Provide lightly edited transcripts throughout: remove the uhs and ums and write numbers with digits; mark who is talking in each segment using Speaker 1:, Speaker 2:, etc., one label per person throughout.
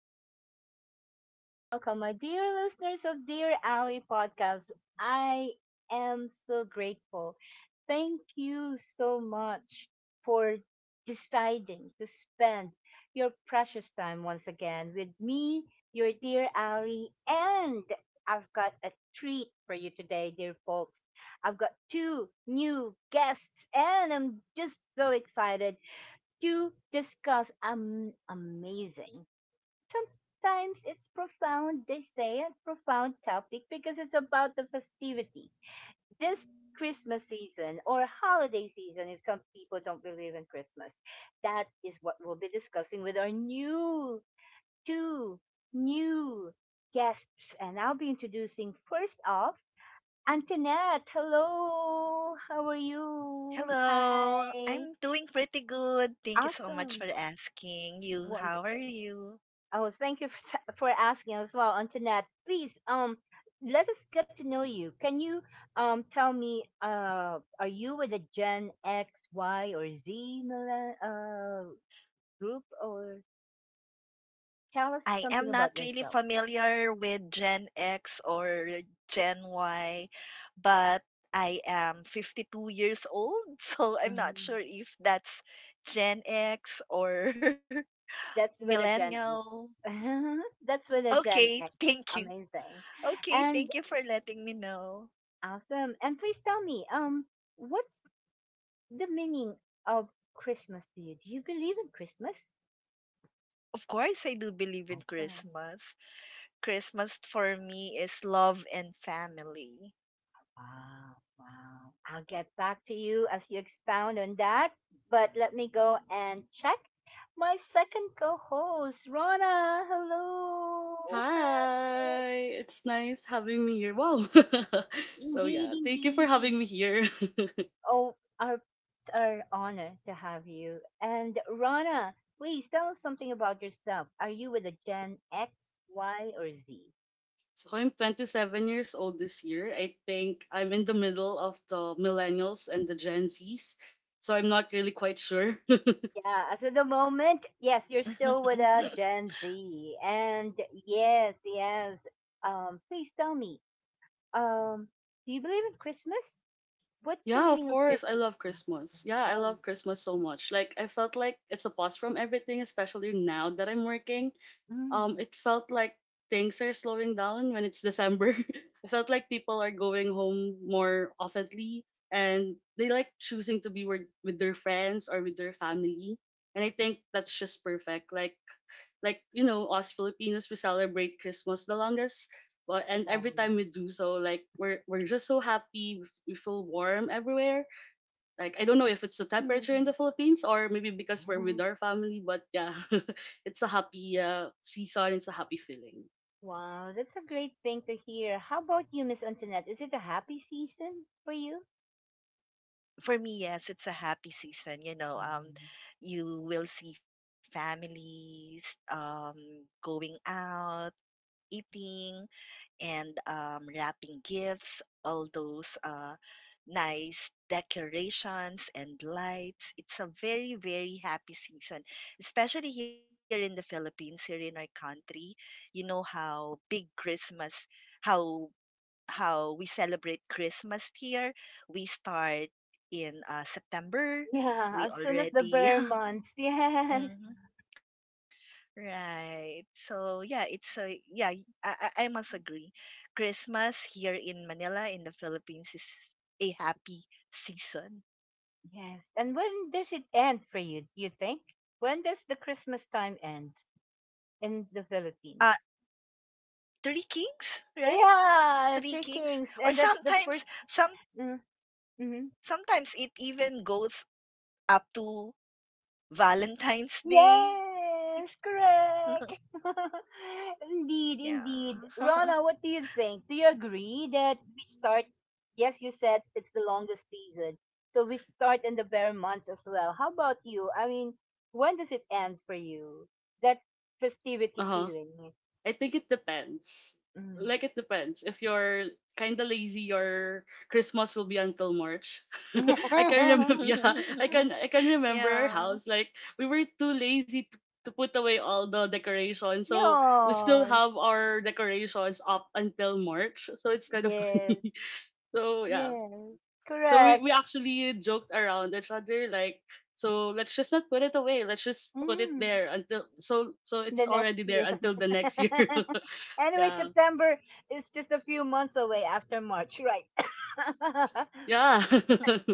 Speaker 1: hello. Welcome, welcome, welcome, my dear listeners of Dear Owie Podcast. I am so grateful. Thank you so much for deciding to spend your precious time once again with me, your dear Owie, and I've got a treat for you today, dear folks. I've got two new guests, and I'm just so excited to discuss amazing. Times it's profound, they say it's profound topic because it's about the festivity. This Christmas season or holiday season, if some people don't believe in Christmas, that is what we'll be discussing with our new two new guests. And I'll be introducing first off Antoinette. Hello, how are you?
Speaker 2: Hello,
Speaker 1: Hi.
Speaker 2: I'm doing pretty good. Thank you so much
Speaker 1: Awesome.
Speaker 2: for asking. You, how are
Speaker 1: Wonderful.
Speaker 2: you?
Speaker 1: Oh, thank you for asking as well, Antoinette. Please, let us get to know you. Can you tell me, are you with a Gen X, Y, or Z group, or tell
Speaker 2: I
Speaker 1: us
Speaker 2: am
Speaker 1: something
Speaker 2: not
Speaker 1: about
Speaker 2: really
Speaker 1: yourself?
Speaker 2: familiar with Gen X or Gen Y, but I am 52 years old, so I'm not sure
Speaker 1: Mm.
Speaker 2: if that's Gen X or
Speaker 1: That's with a Gen
Speaker 2: millennial.
Speaker 1: X. That's with a
Speaker 2: Okay,
Speaker 1: Gen X.
Speaker 2: thank you.
Speaker 1: Amazing,
Speaker 2: Okay, thank you
Speaker 1: and
Speaker 2: for letting me know.
Speaker 1: awesome. And please tell me, what's the meaning of Christmas to you? Do you believe in Christmas?
Speaker 2: Of course, I do believe in
Speaker 1: Awesome.
Speaker 2: Christmas. Christmas for me is love and family.
Speaker 1: Wow, wow. I'll get back to you as you expound on that, but let me go and check my second co-host, Rona. Hello. Hi.
Speaker 3: Hi, it's nice having me here. Wow. So yeah,
Speaker 1: Indeed,
Speaker 3: thank you for
Speaker 1: indeed.
Speaker 3: having me here.
Speaker 1: Oh, our honor to have you. And Rona, please tell us something about yourself. Are you with a Gen X, Y, or Z?
Speaker 3: So I'm 27 years old this year. I think I'm in the middle of the millennials and the Gen Zs. So I'm not really quite sure.
Speaker 1: Yeah, as of the moment, yes, you're still with Gen Z. And yes, yes. Please tell me, um, do you believe in Christmas? What's the
Speaker 3: Yeah, of
Speaker 1: meaning of
Speaker 3: course, I
Speaker 1: Christmas?
Speaker 3: love Christmas. Yeah, I
Speaker 1: Oh,
Speaker 3: love Christmas so much. Like I felt like it's a pause from everything, especially now that I'm working.
Speaker 1: mm,
Speaker 3: It felt like things are slowing down when it's December. It felt like people are going home more oftenly, and they like choosing to be with their friends or with their family. And I think that's just perfect. Like, us Filipinos we celebrate Christmas the longest. But and
Speaker 1: wow.
Speaker 3: every time we do so, like we're just so happy. We feel warm everywhere, like I don't know if it's the temperature in
Speaker 1: Mm.
Speaker 3: the Philippines or maybe because we're with our family, but yeah, it's a happy season. It's a happy feeling.
Speaker 1: Wow, that's a great thing to hear. How about you, Miss Antoinette? Is it a happy season for you?
Speaker 2: For me, yes, it's a happy season. You know,
Speaker 1: Mm.
Speaker 2: you will see families going out, eating, and wrapping gifts, all those nice decorations and lights. It's a very, very happy season, especially here in the Philippines, here in our country. You know how big Christmas, how how we celebrate Christmas here. We start in September.
Speaker 1: Yeah, as
Speaker 2: We
Speaker 1: soon as the bear
Speaker 2: already
Speaker 1: months. Yes.
Speaker 2: Mhm. Right. So yeah, it's a yeah, y- I must agree. Christmas here in Manila in the Philippines is a happy season.
Speaker 1: Yes. And when does it end for you, you think? When does the Christmas time end in the
Speaker 2: Uh
Speaker 1: Philippines?
Speaker 2: Three kings, right? Three
Speaker 1: Yeah, Three
Speaker 2: kings.
Speaker 1: Kings.
Speaker 2: Or
Speaker 1: And that's the first. Mm, mhm.
Speaker 2: sometimes it even goes up to Valentine's Day.
Speaker 1: Yes, correct.
Speaker 2: Yeah.
Speaker 1: Indeed, indeed. Rana, what do you think? Do you agree that we start? Yes, you said it's the longest season. So we start in the bare months as well. How about you? I mean, when does it end for you? That
Speaker 3: Uh
Speaker 1: festivity
Speaker 3: huh.
Speaker 1: feeling.
Speaker 3: I think it depends.
Speaker 1: Mm-hmm.
Speaker 3: Like it depends. If you're kind of lazy, your Christmas will be until March. I can remember. Yeah, I can. I can remember our house.
Speaker 2: yeah.
Speaker 3: Like we were too lazy to put away all the decorations, so we still
Speaker 1: Yes.
Speaker 3: have our decorations up until March. So it's kind of
Speaker 1: Yes.
Speaker 3: funny. So yeah,
Speaker 1: Yes.
Speaker 3: so we,
Speaker 1: Correct.
Speaker 3: we actually joked around each other like so let's just not put it away. Let's just put it
Speaker 1: Mm.
Speaker 3: there until so so it's
Speaker 1: The
Speaker 3: already
Speaker 1: next
Speaker 3: there
Speaker 1: year.
Speaker 3: until the next year.
Speaker 1: Anyway,
Speaker 3: yeah.
Speaker 1: September is just a few months away after March, right?
Speaker 3: Yeah.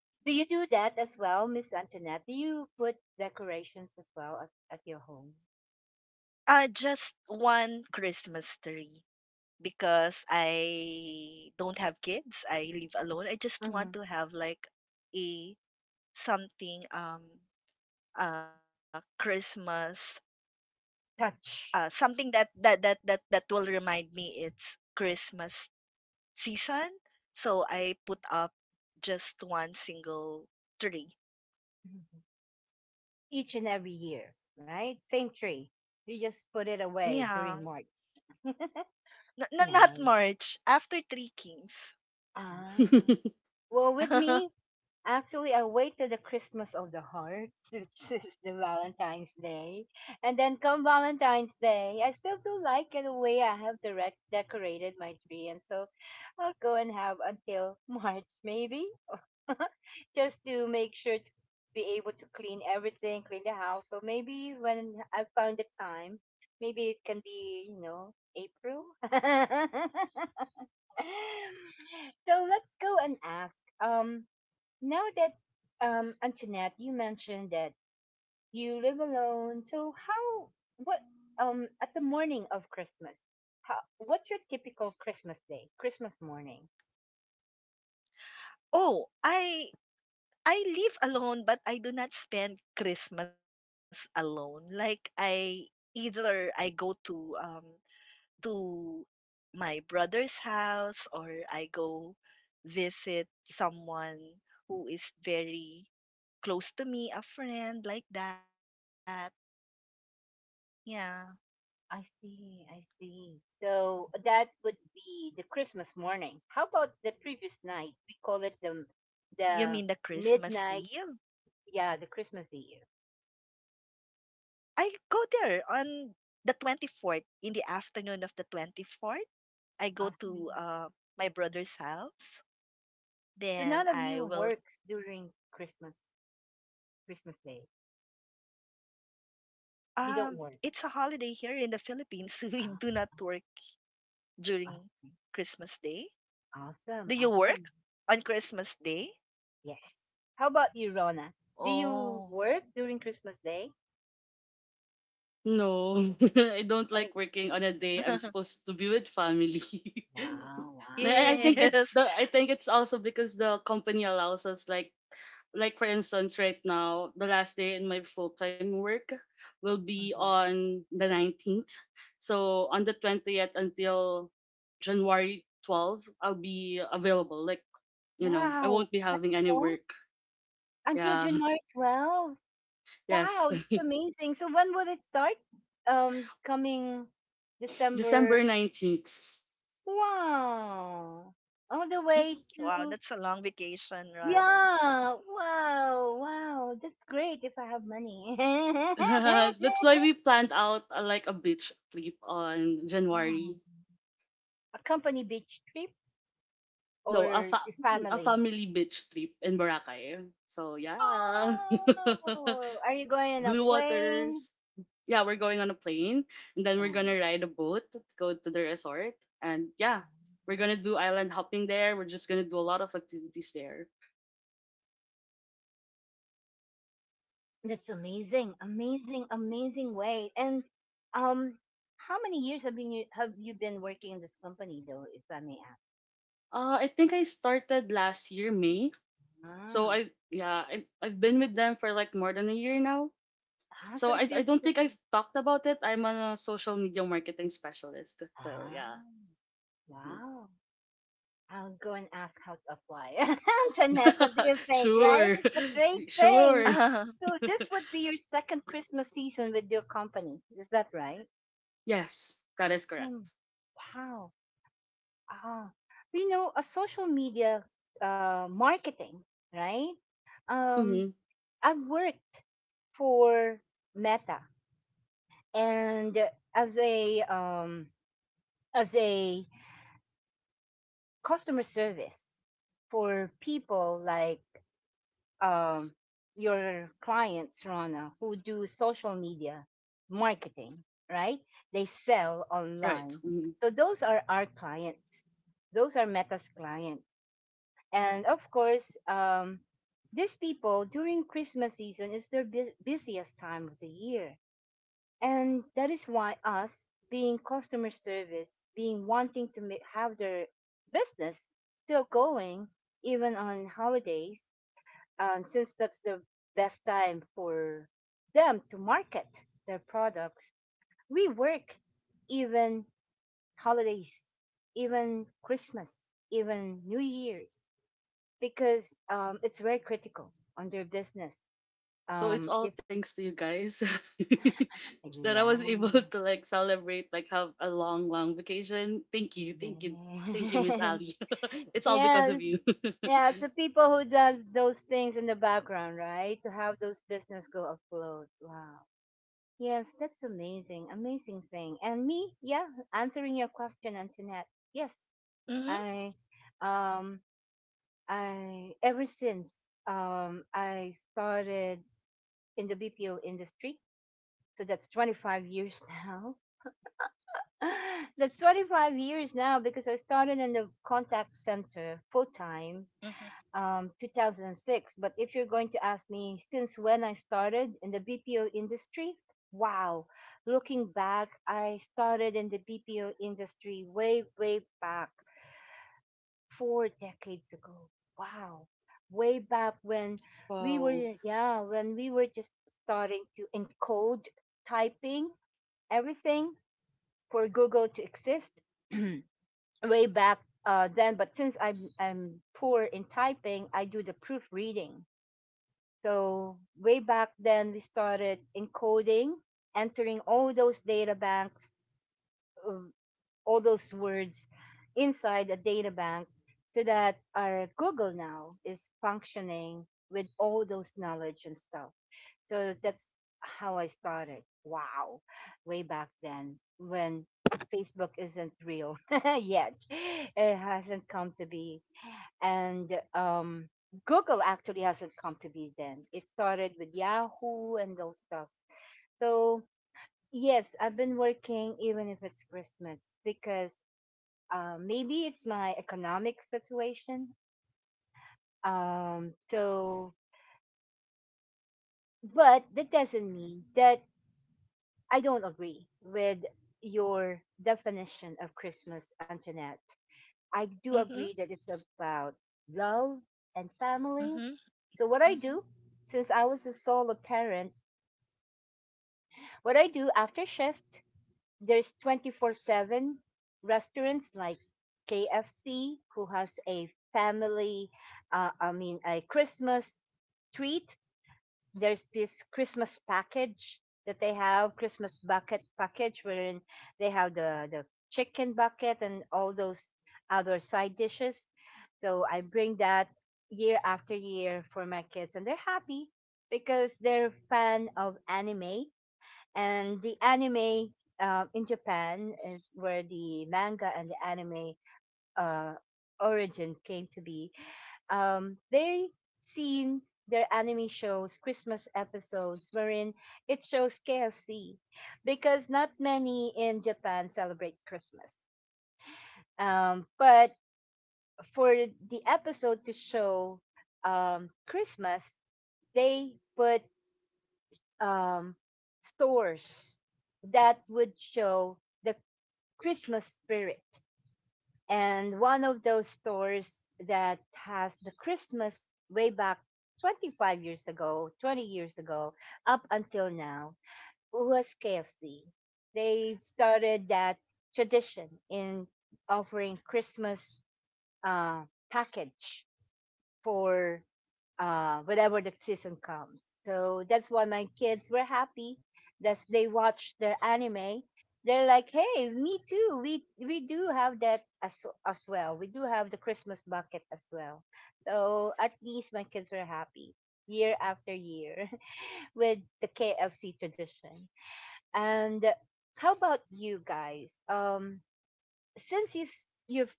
Speaker 1: Do you do that as well, Miss Antoinette? Do you put decorations as well at your home?
Speaker 2: just one Christmas tree. Because I don't have kids. I live alone. I just
Speaker 1: Hmm.
Speaker 2: want to have like a something Christmas
Speaker 1: Touch.
Speaker 2: something that will remind me it's Christmas season. So I put up just one single tree.
Speaker 1: Mhm. Each and every year, right? Same tree. You just put it
Speaker 2: Yeah.
Speaker 1: away during March.
Speaker 2: Not
Speaker 1: Nice.
Speaker 2: March, after Three Kings.
Speaker 1: Ah. Well, with me, actually, I waited the Christmas of the Hearts, which is the Valentine's Day. And then come Valentine's Day, I still do like in a way I have direct decorated my tree. And so I'll go and have until March, maybe, just to make sure to be able to clean everything, clean the house. So maybe when I find the time, maybe it can be April. So let's go and ask. Now that, Antoinette, you mentioned that you live alone. So how, what, at the morning of Christmas, how, what's your typical Christmas day, Christmas morning?
Speaker 2: Oh, I live alone, but I do not spend Christmas alone. Like I either I go to my brother's house or I go visit someone who is very close to me, a friend like that. Yeah.
Speaker 1: I see, I see. So that would be the Christmas morning. How about the previous night? We call it the
Speaker 2: You mean
Speaker 1: the
Speaker 2: the Christmas
Speaker 1: midnight,
Speaker 2: Eve?
Speaker 1: yeah, the Christmas Eve.
Speaker 2: I go there on the 24th, in the afternoon of the 24th. I go
Speaker 1: I
Speaker 2: to
Speaker 1: see.
Speaker 2: my brother's house.
Speaker 1: So
Speaker 2: Then
Speaker 1: none of you
Speaker 2: I will
Speaker 1: works during Christmas, Christmas Day.
Speaker 2: um it's
Speaker 1: You
Speaker 2: a
Speaker 1: don't work.
Speaker 2: holiday here in the Philippines. We do not
Speaker 1: Ah,
Speaker 2: work during
Speaker 1: I see.
Speaker 2: Christmas Day. Do you
Speaker 1: Awesome,
Speaker 2: work
Speaker 1: awesome.
Speaker 2: on Christmas Day?
Speaker 1: Yes. How about you, Rona? Do you
Speaker 2: Oh.
Speaker 1: work during Christmas Day?
Speaker 3: No. I don't
Speaker 1: Hey,
Speaker 3: like working on a day I'm supposed to be with family.
Speaker 1: wow, wow.
Speaker 3: I
Speaker 2: Yes.
Speaker 3: think it's also because the company allows us like for instance right now the last day in my full-time work will be
Speaker 1: Mm-hmm.
Speaker 3: on the 19th. So on the 20th until January 12th, I'll be available, like, I
Speaker 1: Wow.
Speaker 3: won't be having any
Speaker 1: Oh,
Speaker 3: work.
Speaker 1: until
Speaker 3: Yeah.
Speaker 1: January 12th.
Speaker 3: Yes.
Speaker 1: Wow, that's amazing. So when will it start? Coming December.
Speaker 3: December 19th.
Speaker 1: Wow. All the way
Speaker 2: Wow, that's a
Speaker 1: to
Speaker 2: long vacation, Rana.
Speaker 1: yeah. Wow, wow. That's great if I have money.
Speaker 3: That's why we planned out like a beach trip on
Speaker 1: Wow.
Speaker 3: January.
Speaker 1: A company beach trip,
Speaker 3: No, a,
Speaker 1: or
Speaker 3: fa-
Speaker 1: your
Speaker 3: a
Speaker 1: family?
Speaker 3: family beach trip in Boracay, so yeah.
Speaker 1: Wow! Are you going on a
Speaker 3: Blue
Speaker 1: plane?
Speaker 3: Waters. Yeah, we're going on a plane, and then we're
Speaker 1: Um,
Speaker 3: gonna ride a boat to go to the resort. And yeah, we're gonna do island hopping there. We're just gonna do a lot of activities there.
Speaker 1: that's amazing, amazing, amazing way. And um, how many years have you been working in this company though, if I may ask?
Speaker 3: I think I started last year May. So
Speaker 1: Ah,
Speaker 3: I yeah I I've been with them for like more than a year now.
Speaker 1: ah,
Speaker 3: So
Speaker 1: so
Speaker 3: I
Speaker 1: it's
Speaker 3: I
Speaker 1: your
Speaker 3: don't think I've talked about it. I'm a social media marketing specialist. So
Speaker 1: ah,
Speaker 3: yeah.
Speaker 1: wow. I'll go and ask how to apply. Jeanette, what do you think? Right?
Speaker 3: Sure.
Speaker 1: It's a great thing.
Speaker 3: Sure.
Speaker 1: So this would be your second Christmas season with your company. Is that right?
Speaker 3: Yes, that is
Speaker 1: Awesome.
Speaker 3: correct.
Speaker 1: Wow. Ah, a social media marketing, right? Um,
Speaker 3: Mm-hmm.
Speaker 1: I worked for Meta and as a um, as a customer service for people like um, your clients, Rana, who do social media marketing, right? They sell
Speaker 3: Right.
Speaker 1: online.
Speaker 3: Mm-hmm.
Speaker 1: So those are our clients. Those are Meta's clients. And of course, these people during Christmas season is their busiest time of the year. And that is why us being customer service, being wanting to have their business still going even on holidays, since that's the best time for them to market their products. We work even holidays, even Christmas, even New Year's, because it's very critical on their business.
Speaker 3: So it's all
Speaker 1: If
Speaker 3: thanks to you guys that I was
Speaker 1: yeah,
Speaker 3: able to like celebrate, like have a long, long vacation. Thank you, thank you, thank you,
Speaker 1: yes,
Speaker 3: Miss Ali. It's all because of
Speaker 1: yes,
Speaker 3: you.
Speaker 1: yeah. It's the people who does those things in the background, right, to have those business go afloat. Wow. Yes, that's amazing, amazing thing. And me, yeah, answering your question, Antoinette. Yes,
Speaker 2: Mhm.
Speaker 1: I, um, I ever since I started in the BPO industry, so that's 25 years now. That's 25 years now because I started in the contact center full time,
Speaker 2: Mhm.
Speaker 1: 2006. But if you're going to ask me since when I started in the BPO industry, wow, looking back, I started in the BPO industry way, way back 4 decades ago. Wow. Way back when we
Speaker 3: Wow,
Speaker 1: were, yeah, when we were just starting to encode typing everything for Google to exist way back, then. But since I'm poor in typing, I do the proofreading, so way back then, we started encoding, entering all those data banks, um, all those words inside a data bank so that our Google now is functioning with all those knowledge and stuff. So that's how I started. Wow. Way back then when Facebook isn't real yet. It hasn't come to be, and Google actually hasn't come to be then. It started with Yahoo and those stuffs. So yes, I've been working even if it's Christmas because maybe it's my economic situation. So, but that doesn't mean that I don't agree with your definition of Christmas, Antoinette. I do
Speaker 2: Mhm.
Speaker 1: agree that it's about love and family.
Speaker 2: Mhm.
Speaker 1: So what I
Speaker 2: Mhm.
Speaker 1: do, since I was a solo parent, what I do after shift, there's 24/7 restaurants like KFC who has a family, I mean a Christmas treat. There's this Christmas package that they have, Christmas bucket package, wherein they have the chicken bucket and all those other side dishes. So I bring that year after year for my kids, and they're happy because they're fan of anime. And the anime, in Japan is where the manga and the anime, uh, origin came to be, they seen their anime shows, Christmas episodes, wherein it shows KFC because not many in Japan celebrate Christmas. But for the episode to show, Christmas, they put, um, stores that would show the Christmas spirit, and one of those stores that has the Christmas way back 25 years ago, 20 years ago, up until now, was KFC. They started that tradition in offering Christmas, uh, package for, whenever the season comes. So that's why my kids were happy that they watched their anime. They're like, hey, me too. We do have that as well. We do have the Christmas bucket as well. So at least my kids were happy year after year with the KFC tradition. And how about you guys? Since you you're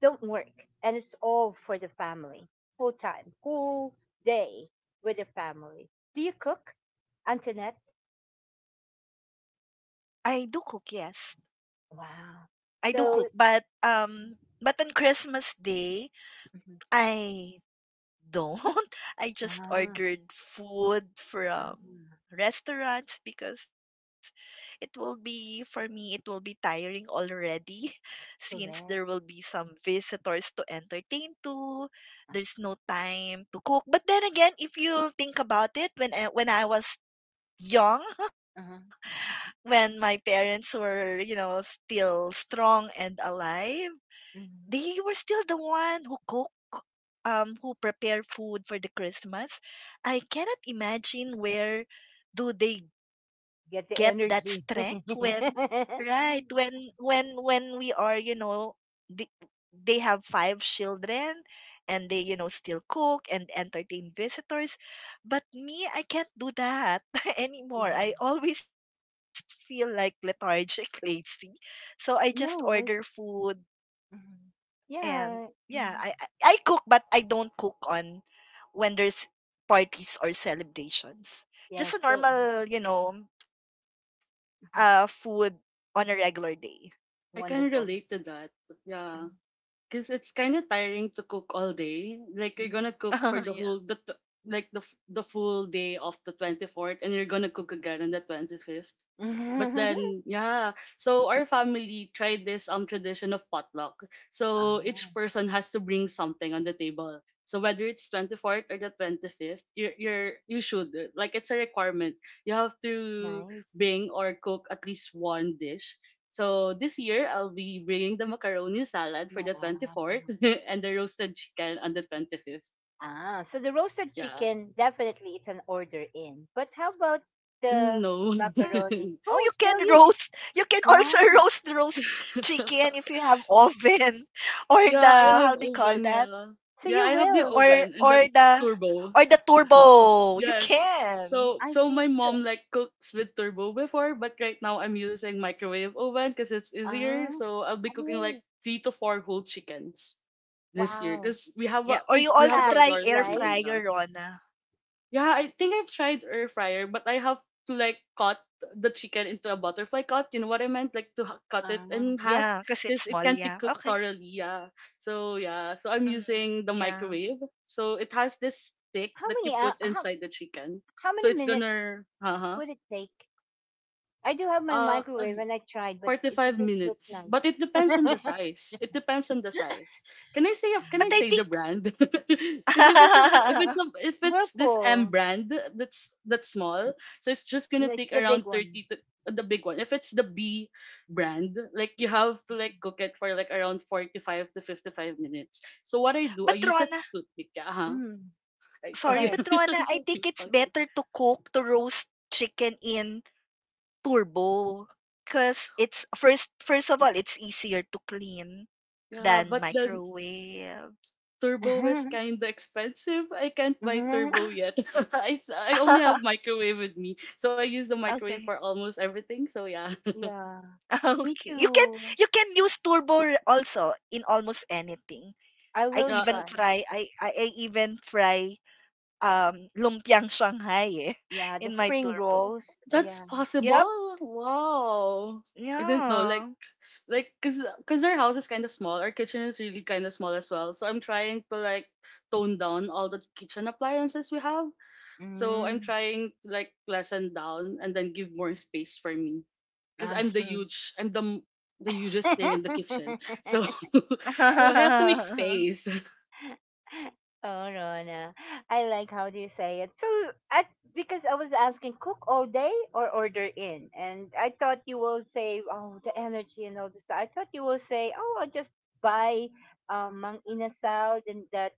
Speaker 1: don't work and it's all for the family full day with the family, do you cook, Antoinette?
Speaker 2: I do cook, yes. I do
Speaker 1: Wow.
Speaker 2: cook, but
Speaker 1: So,
Speaker 2: on Christmas Day,
Speaker 1: mhm.
Speaker 2: I don't. I just
Speaker 1: Ah,
Speaker 2: ordered food from
Speaker 1: ah,
Speaker 2: restaurants because it will be, for me it will be tiring already. Since there will be
Speaker 1: correct.
Speaker 2: some visitors to entertain to there's
Speaker 1: I
Speaker 2: no
Speaker 1: see.
Speaker 2: time to cook. But then again, if you think about it, when I was young.
Speaker 1: Uh-huh.
Speaker 2: When my parents were, you know, still strong and alive, they were
Speaker 1: Mhm.
Speaker 2: still the one who cook, who prepare food for the Christmas. I cannot imagine where do they get that
Speaker 1: Get the
Speaker 2: strength
Speaker 1: energy.
Speaker 2: when, right? When we are, you know, they they have five children and they, you know, still cook and entertain visitors. But me, I can't do that anymore. I
Speaker 1: Mhm.
Speaker 2: always feel like lethargic, lazy, so I just order
Speaker 1: No.
Speaker 2: food.
Speaker 1: Mhm.
Speaker 2: And
Speaker 1: Yeah.
Speaker 2: yeah,
Speaker 1: Mhm.
Speaker 2: I cook, but I don't cook on when there's parties or celebrations.
Speaker 1: Yeah, so
Speaker 2: Just a normal, you know,
Speaker 1: mhm.
Speaker 2: food on a regular day.
Speaker 3: I kind of
Speaker 1: Wonderful.
Speaker 3: relate to that.
Speaker 1: Uh-huh.
Speaker 3: Yeah, because it's kind of tiring to cook all day. Like you're gonna cook for the whole the t-
Speaker 2: yeah.
Speaker 3: like the f- the full day of the 24th, and you're gonna cook again on the 25th. But
Speaker 1: Mhm.
Speaker 3: then, yeah. So our family tried this tradition of potluck. So
Speaker 1: Ah,
Speaker 3: each person has to bring something on the table. So whether it's 24th or the 25th, you're you should like it's a requirement. You have to
Speaker 1: nice.
Speaker 3: bring or cook at least one dish. So this year I'll be bringing the macaroni salad for
Speaker 1: Wow.
Speaker 3: the 24th and the roasted chicken on the 25th.
Speaker 1: Ah, so the roasted
Speaker 3: Yeah.
Speaker 1: chicken definitely it's an order in. But how about the
Speaker 3: No.
Speaker 1: macaroni?
Speaker 2: No,
Speaker 1: Oh,
Speaker 2: you
Speaker 1: still
Speaker 2: can
Speaker 1: you will-
Speaker 2: roast. You can also
Speaker 1: Wow.
Speaker 2: roast chicken if you have oven, or the
Speaker 3: Yeah, I have
Speaker 2: how do you call
Speaker 3: oven,
Speaker 2: that?
Speaker 3: yeah.
Speaker 1: So
Speaker 3: Yeah, I
Speaker 1: you
Speaker 3: have the
Speaker 1: will.
Speaker 2: Or
Speaker 1: So
Speaker 3: oven and the
Speaker 2: or the
Speaker 3: turbo.
Speaker 2: or the turbo.
Speaker 3: Yes.
Speaker 2: You
Speaker 3: So
Speaker 1: I
Speaker 2: can.
Speaker 3: so my
Speaker 1: see. So,
Speaker 3: mom like cooks with turbo before, but right now I'm using microwave oven because it's easier.
Speaker 1: ah,
Speaker 3: So I'll be cooking like
Speaker 1: oh
Speaker 3: three to four whole chickens this year
Speaker 1: wow.
Speaker 3: because we have
Speaker 2: Yeah,
Speaker 3: a
Speaker 2: or you
Speaker 1: It's
Speaker 3: we
Speaker 2: also
Speaker 3: have a
Speaker 1: fast,
Speaker 2: try
Speaker 3: large
Speaker 2: air
Speaker 1: right?
Speaker 2: fry
Speaker 3: family. Yeah.
Speaker 2: your Rona.
Speaker 3: Yeah, I think I've tried air fryer, but I have to like cut the chicken into a butterfly cut. You know what I meant? Like to cut it
Speaker 1: Ah,
Speaker 3: in
Speaker 2: Yeah,
Speaker 3: half
Speaker 2: because it's
Speaker 3: because
Speaker 2: small.
Speaker 3: it
Speaker 2: Yeah.
Speaker 3: can't be
Speaker 2: Okay.
Speaker 3: cooked thoroughly. Yeah. So yeah, so I'm
Speaker 2: Mhm.
Speaker 3: using the
Speaker 2: Yeah.
Speaker 3: microwave. So it has this stick
Speaker 1: how
Speaker 3: that you
Speaker 1: many?
Speaker 3: put
Speaker 1: How
Speaker 3: inside the chicken.
Speaker 1: how
Speaker 3: So
Speaker 1: many
Speaker 3: it's
Speaker 1: minutes
Speaker 3: gonna. Uh
Speaker 1: would it take? I do have my
Speaker 3: huh.
Speaker 1: microwave, and I tried, but
Speaker 3: Forty
Speaker 1: it
Speaker 3: five
Speaker 1: didn't look
Speaker 3: minutes.
Speaker 1: nice.
Speaker 3: But it depends on the size. It depends on the size. Can I say can
Speaker 2: But
Speaker 3: I
Speaker 2: I
Speaker 3: say the
Speaker 2: think,
Speaker 3: brand? Because if it's a if it's a if it's this M
Speaker 1: Whirlpool.
Speaker 3: brand that's small, so it's just gonna
Speaker 1: No, it's
Speaker 3: take
Speaker 1: the
Speaker 3: around
Speaker 1: big one.
Speaker 3: 30 to the big one. If it's the B brand, like you have to like cook it for like around 45 to 55 minutes. So what I do, I
Speaker 2: but
Speaker 3: use a
Speaker 2: Rona,
Speaker 3: toothpick. Yeah,
Speaker 1: Mm,
Speaker 2: sorry,
Speaker 3: okay.
Speaker 1: go
Speaker 2: but Rona, I think
Speaker 3: Sorry.
Speaker 2: it's
Speaker 3: Okay.
Speaker 2: better to cook to roast chicken in turbo, cuz it's first of all, it's easier to clean
Speaker 3: Yeah,
Speaker 2: than
Speaker 3: but the
Speaker 2: microwave.
Speaker 3: turbo is
Speaker 1: ahead.
Speaker 3: kind of expensive. I can't buy turbo yet. I only have microwave with me. So I use the microwave for
Speaker 2: okay.
Speaker 3: almost everything. So yeah.
Speaker 1: Yeah, me
Speaker 2: Okay. You can
Speaker 1: too.
Speaker 2: you can use turbo r- also in almost anything.
Speaker 1: I will
Speaker 3: Yeah,
Speaker 1: try.
Speaker 2: I even fry lumpiang Shanghai eh,
Speaker 1: Yeah, the
Speaker 2: in my
Speaker 1: spring
Speaker 2: turbo.
Speaker 1: rolls.
Speaker 3: that's
Speaker 1: Yeah.
Speaker 2: Yeah.
Speaker 3: possible. Wow. I didn't know like
Speaker 2: Yeah.
Speaker 3: cuz our house is kind of small. Our kitchen is really kind of small as well. So I'm trying to like tone down all the kitchen appliances we have. So I'm
Speaker 1: Mm,
Speaker 3: trying to like lessen down and then give more space for me. Because I'm the
Speaker 1: nice.
Speaker 2: Mm.
Speaker 3: huge I'm the the hugest thing in the kitchen. So so I have to make space.
Speaker 1: Oh, Rona. I like how you say it. So, I, because I was asking, cook all day or order in? And I thought you will say, oh, the energy and all this. I thought you will say, oh, I'll just buy, mang inasal and the,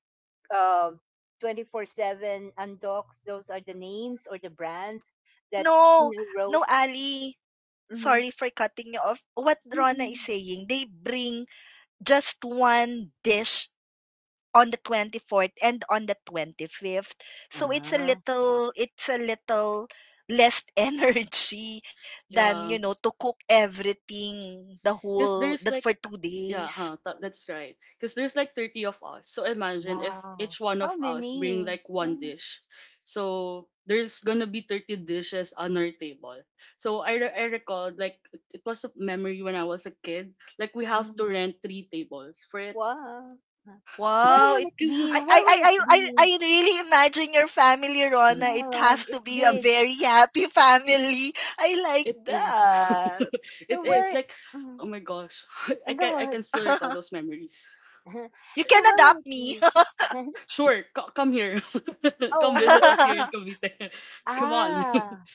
Speaker 1: uh, 24/7 Undocs, those are the names or the brands that you
Speaker 2: No,
Speaker 1: know
Speaker 2: no,
Speaker 1: roast.
Speaker 2: Ali. Sorry
Speaker 1: Mm-hmm.
Speaker 2: for cutting you off. What Rona is
Speaker 1: Mm-mm.
Speaker 2: saying, they bring just one dish on the 24th and on the 25th. So it's a
Speaker 1: Ah,
Speaker 2: little, it's a little less energy than, you
Speaker 3: Yeah,
Speaker 2: know, to cook everything the
Speaker 3: because
Speaker 2: whole, that
Speaker 3: there's like
Speaker 2: for two days.
Speaker 3: that's right. Because there's like 30 of us. So imagine if
Speaker 1: wow.
Speaker 3: each one
Speaker 1: How
Speaker 3: of us bring
Speaker 1: many?
Speaker 3: like one dish. So there's gonna be 30 dishes on our table. So I recall like it was a memory when I was a kid. Like we have to
Speaker 1: Mhm.
Speaker 3: rent three tables for it.
Speaker 1: Wow. Where
Speaker 2: Wow,
Speaker 1: will
Speaker 2: it
Speaker 1: it
Speaker 3: Because
Speaker 1: be?
Speaker 2: I I
Speaker 1: Where
Speaker 2: I
Speaker 1: will it
Speaker 2: I
Speaker 1: be?
Speaker 2: I really imagine your family, Rona. It
Speaker 1: Yeah,
Speaker 2: has to
Speaker 1: it's
Speaker 2: be a
Speaker 1: big.
Speaker 2: very happy family. I
Speaker 3: It
Speaker 2: like
Speaker 3: is.
Speaker 2: that.
Speaker 3: It
Speaker 1: So
Speaker 3: is like
Speaker 1: where?
Speaker 3: oh
Speaker 1: Mm,
Speaker 3: my gosh. I can I
Speaker 1: go
Speaker 3: can
Speaker 1: ahead.
Speaker 3: still recall those memories.
Speaker 2: You
Speaker 1: So
Speaker 2: can
Speaker 1: where will
Speaker 2: adopt
Speaker 1: it
Speaker 2: me.
Speaker 1: be?
Speaker 3: Sure, come here. Come
Speaker 1: oh,
Speaker 3: visit
Speaker 1: w-
Speaker 3: us here in Cavite.
Speaker 1: uh,
Speaker 3: Come on.
Speaker 1: ah.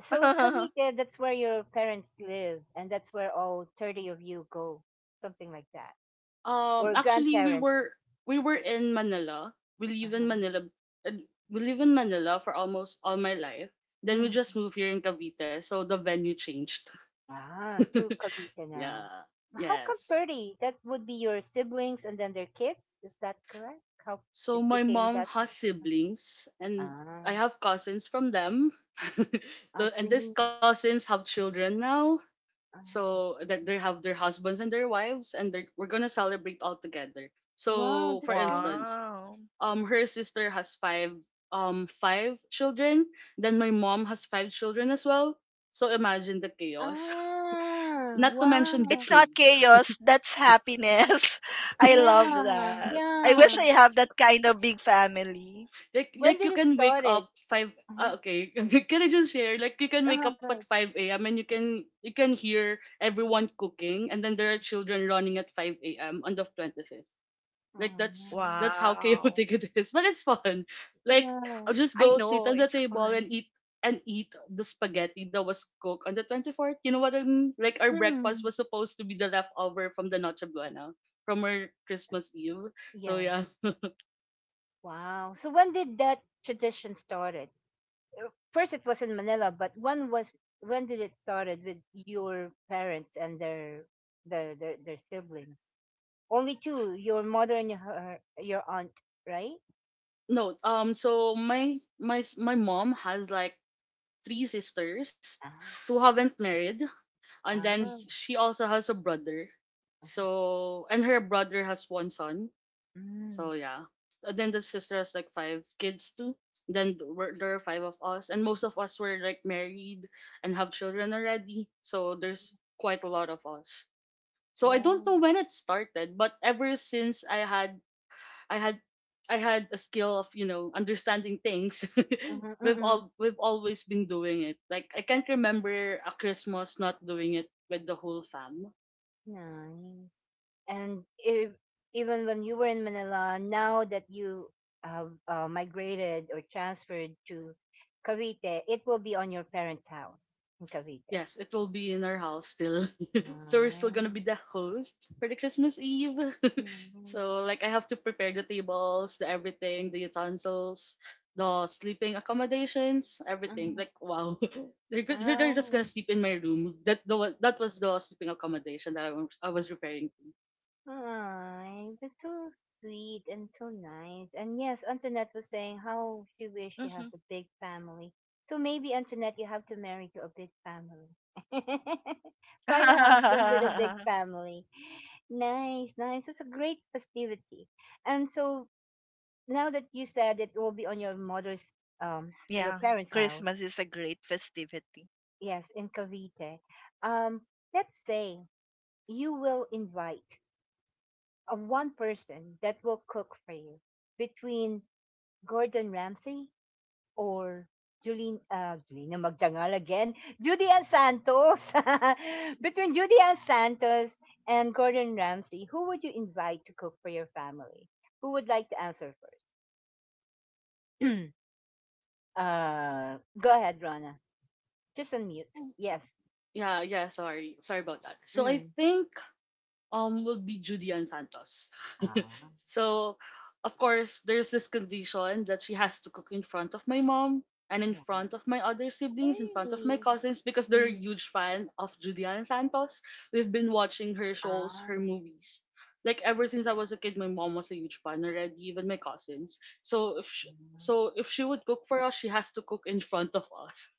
Speaker 1: So Cavite, that's where your parents live, and that's where all 30 of you go, something like that, or
Speaker 3: Actually, we
Speaker 1: grandparents.
Speaker 3: were we were in Manila. We live in
Speaker 1: Uh-huh.
Speaker 3: Manila. uh, We live in Manila for almost all my life. Then we
Speaker 1: Mm.
Speaker 3: just moved here in Cavite, so the venue changed.
Speaker 1: Ah, to Cavite
Speaker 3: yeah.
Speaker 1: now. How come
Speaker 3: Yes.
Speaker 1: 30? That would be your siblings and then their kids. Is that correct? How
Speaker 3: So
Speaker 1: it
Speaker 3: my
Speaker 1: became
Speaker 3: mom
Speaker 1: that?
Speaker 3: has siblings, and I
Speaker 1: Ah,
Speaker 3: have cousins from them.
Speaker 1: I
Speaker 3: And
Speaker 1: see.
Speaker 3: these cousins have children now.
Speaker 1: Ah,
Speaker 3: So that they have their husbands and their wives, and we're going to celebrate all together.
Speaker 1: wow,
Speaker 3: So for
Speaker 1: that's great.
Speaker 3: instance,
Speaker 2: Wow.
Speaker 3: her sister has five children, then my mom has five children as well. So imagine the chaos.
Speaker 1: Ah,
Speaker 3: Not to mention
Speaker 2: It's
Speaker 3: the
Speaker 1: wow.
Speaker 2: not
Speaker 3: kids.
Speaker 2: chaos, that's happiness. I love
Speaker 1: Yeah,
Speaker 2: that. I
Speaker 1: yeah.
Speaker 2: wish I have that kind of big family.
Speaker 3: like
Speaker 1: When
Speaker 3: like you
Speaker 1: did it
Speaker 3: can wake up
Speaker 1: started?
Speaker 3: five.
Speaker 1: Uh-huh.
Speaker 3: Okay, can I just share like you can wake
Speaker 1: Uh-huh,
Speaker 3: up at
Speaker 1: good.
Speaker 3: 5 a.m. and you can hear everyone cooking, and then there are children running at 5 a.m. on the 25th. Like
Speaker 1: Ah,
Speaker 3: that's how
Speaker 2: Wow.
Speaker 3: chaotic it is, but it's fun. Like
Speaker 1: yeah.
Speaker 3: I'll just
Speaker 2: I
Speaker 3: go sit
Speaker 2: know,
Speaker 3: on the
Speaker 2: it's
Speaker 3: table
Speaker 2: fun.
Speaker 3: and eat the spaghetti that was cooked on the 24th. You know what I mean? Like our breakfast
Speaker 1: Hmm.
Speaker 3: was supposed to be the leftover from the noche buena from our Christmas Eve, so
Speaker 1: Yeah.
Speaker 3: yeah.
Speaker 1: Wow. So when did that tradition started? First, it was in Manila, but when did it started with your parents and their siblings? Only two, your mother and your aunt, right?
Speaker 3: No, so my mom has like three sisters
Speaker 1: Ah.
Speaker 3: who haven't married, and then
Speaker 1: Ah.
Speaker 3: she also has a brother. And her brother has one son. So
Speaker 1: Mm.
Speaker 3: yeah, and then the sister has like five kids too. Then there are five of us, and most of us were like married and have children already. So there's quite a lot of us. So I don't know
Speaker 1: Wow.
Speaker 3: when it started, but ever since I had I had I had a skill of understanding things. We've always been doing it. Like I can't remember a Christmas not doing it with the whole fam.
Speaker 1: Nice. And if, even when you were in Manila, now that you have migrated or transferred to Cavite, it will be on your parents' house in Cavite.
Speaker 3: Yes, it will be in our house still. So we're still gonna be
Speaker 1: Nice.
Speaker 3: the host for the Christmas Eve.
Speaker 1: Nice.
Speaker 3: So like I have to prepare the tables, the everything, the utensils, the sleeping accommodations, everything.
Speaker 1: Uh-huh.
Speaker 3: Like wow, they're
Speaker 1: Ah,
Speaker 3: just gonna sleep in my room. That was the sleeping accommodation that I was referring to.
Speaker 1: Aw, that's so sweet and so nice. And yes, Antoinette was saying how she wished she has a
Speaker 2: Mhm.
Speaker 1: big family. So maybe Antoinette, you have to marry to a big family. Find a husband with a big family. Nice, nice. It's a great festivity. And so now that you said it will be on your mother's,
Speaker 2: Yeah,
Speaker 1: um, your
Speaker 2: Christmas is a
Speaker 1: parents'
Speaker 2: great
Speaker 1: house,
Speaker 2: festivity.
Speaker 1: yes, in Cavite. Um, let's say you will invite. Of one person that will cook for you between Gordon Ramsay or Julina, Julina Magdangal again, Judy Ann Santos. Between Judy Ann Santos and Gordon Ramsay, who would you invite to cook for your family? Who would like to answer first? Go ahead, Rona. Just unmute. Yes.
Speaker 3: Yeah, yeah, sorry. Sorry about that. So I
Speaker 1: Mm.
Speaker 3: think will be Judy and Santos.
Speaker 1: Ah.
Speaker 3: So of course there's this condition that she has to cook in front of my mom and in front of my other siblings, in front of my
Speaker 1: Hey.
Speaker 3: cousins, because they're a
Speaker 1: Mm.
Speaker 3: huge fan of Judy and Santos. We've been watching her shows, her
Speaker 1: Ah.
Speaker 3: movies. Like ever since I was a kid, my mom was a huge fan already, even my cousins. So if sh so if she would cook for us, she has to cook in front of us.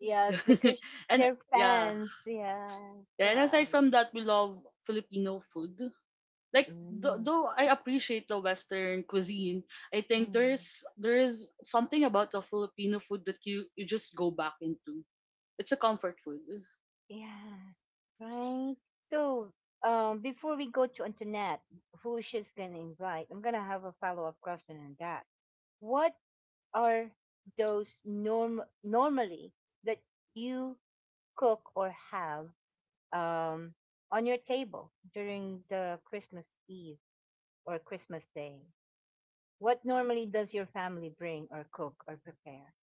Speaker 1: Yes, because
Speaker 3: and
Speaker 1: they're
Speaker 3: Yeah,
Speaker 1: fans. Yes.
Speaker 3: yeah. And
Speaker 1: Wow.
Speaker 3: aside from that, we love Filipino food. Like th-
Speaker 1: Mm,
Speaker 3: though I appreciate the Western cuisine, I think
Speaker 1: mm.
Speaker 3: there is something about the Filipino food that you just go back into. It's a comfort food.
Speaker 1: Yes. Right. So, before we go to Antoinette, who she's gonna invite, I'm gonna have a follow up question on that. What are those normally that you cook or have um on your table during the Christmas Eve or Christmas Day? What normally does your family bring or cook or prepare?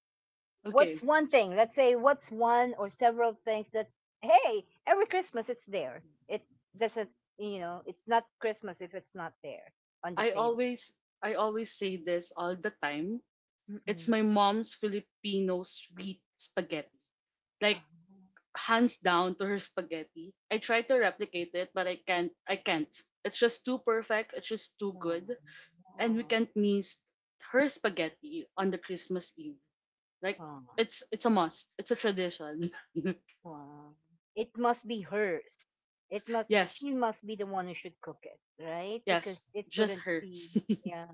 Speaker 1: What's
Speaker 3: Okay,
Speaker 1: one
Speaker 3: s-
Speaker 1: thing? Let's say what's one or several things that hey, every Christmas it's there. It doesn't, you know, it's not Christmas if it's not there on the
Speaker 3: I
Speaker 1: table.
Speaker 3: always I always say this all the time. It's
Speaker 1: Mm-mm.
Speaker 3: my mom's Filipino sweet spaghetti. Like hands down to her spaghetti. I try to replicate it, but I can't. I can't. It's just too perfect. It's just too good. And we can't miss her spaghetti on the Christmas Eve. Like it's a must. It's a tradition.
Speaker 1: It must be hers. It must be
Speaker 3: yes,
Speaker 1: She must be the one who should cook it, right?
Speaker 3: yes,
Speaker 1: Because it
Speaker 3: just
Speaker 1: wouldn't
Speaker 3: her.
Speaker 1: be yeah.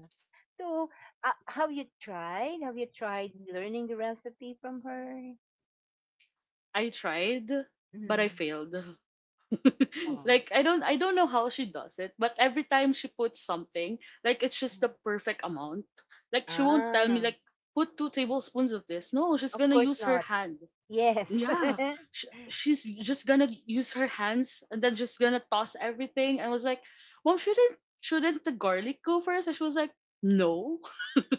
Speaker 1: So, Have you tried learning the recipe from her?
Speaker 3: I tried, but I
Speaker 1: Mm.
Speaker 3: failed.
Speaker 1: Oh.
Speaker 3: like I don't know how she does it, but every time she puts something, like it's just the perfect amount. Like she won't tell me
Speaker 1: Ah.
Speaker 3: like put two tablespoons of this. No, she's
Speaker 1: Of
Speaker 3: gonna
Speaker 1: course
Speaker 3: use her
Speaker 1: not.
Speaker 3: hand.
Speaker 1: Yes.
Speaker 3: Yeah, she's just gonna use her hands and then just gonna toss everything. I was like, mom, shouldn't the garlic go first? And she was like, no.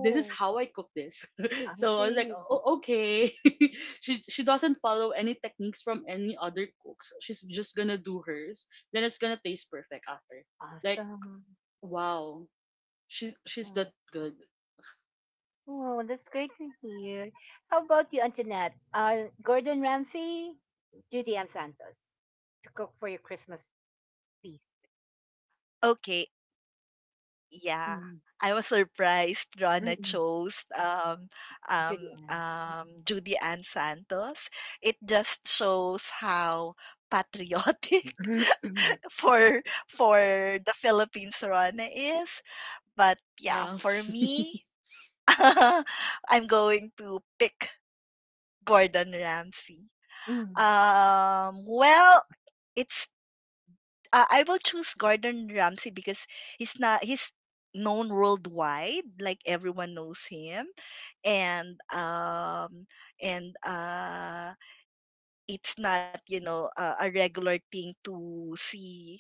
Speaker 3: this is how I cook this.
Speaker 1: I
Speaker 3: so I was like,
Speaker 1: see.
Speaker 3: okay. she doesn't follow any techniques from any other cooks, so she's just gonna do hers, then it's gonna taste perfect after. Like
Speaker 1: Awesome.
Speaker 3: wow, she's that
Speaker 1: Mm.
Speaker 3: good.
Speaker 1: Oh, that's great to hear. How about you, Antoinette? Gordon Ramsay, Judy Ann Santos to cook for your Christmas feast.
Speaker 2: Okay, yeah.
Speaker 1: Mm,
Speaker 2: I was surprised Rana
Speaker 1: mm-mm.
Speaker 2: chose
Speaker 1: Judy Ann.
Speaker 2: Judy Ann Santos. It just shows how patriotic
Speaker 1: Mm-mm.
Speaker 2: for for the Philippines Rana is. But yeah,
Speaker 3: Yeah.
Speaker 2: for me, I'm going to pick Gordon Ramsay.
Speaker 1: Mm,
Speaker 2: Well, it's I will choose Gordon Ramsay because he's not he's known worldwide, like everyone knows him, and um and it's not, you know, a regular thing to see,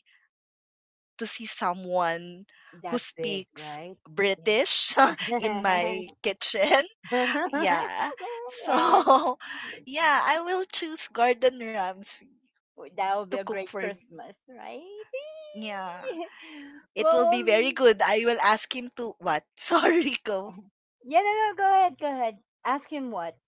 Speaker 2: to see someone who
Speaker 1: that big,
Speaker 2: speaks
Speaker 1: right?
Speaker 2: British in
Speaker 1: Yeah.
Speaker 2: my kitchen. Yeah,
Speaker 1: Yeah.
Speaker 2: so yeah, I will choose Gordon Ramsay
Speaker 1: W- that would be
Speaker 2: to
Speaker 1: a
Speaker 2: cook
Speaker 1: great
Speaker 2: for me.
Speaker 1: Christmas, right?
Speaker 2: Yeah. It will
Speaker 1: well,
Speaker 2: be very
Speaker 1: um,
Speaker 2: good. I will ask him to what? Sorry, go.
Speaker 1: yeah, no, no, go ahead, go ahead. Ask him what?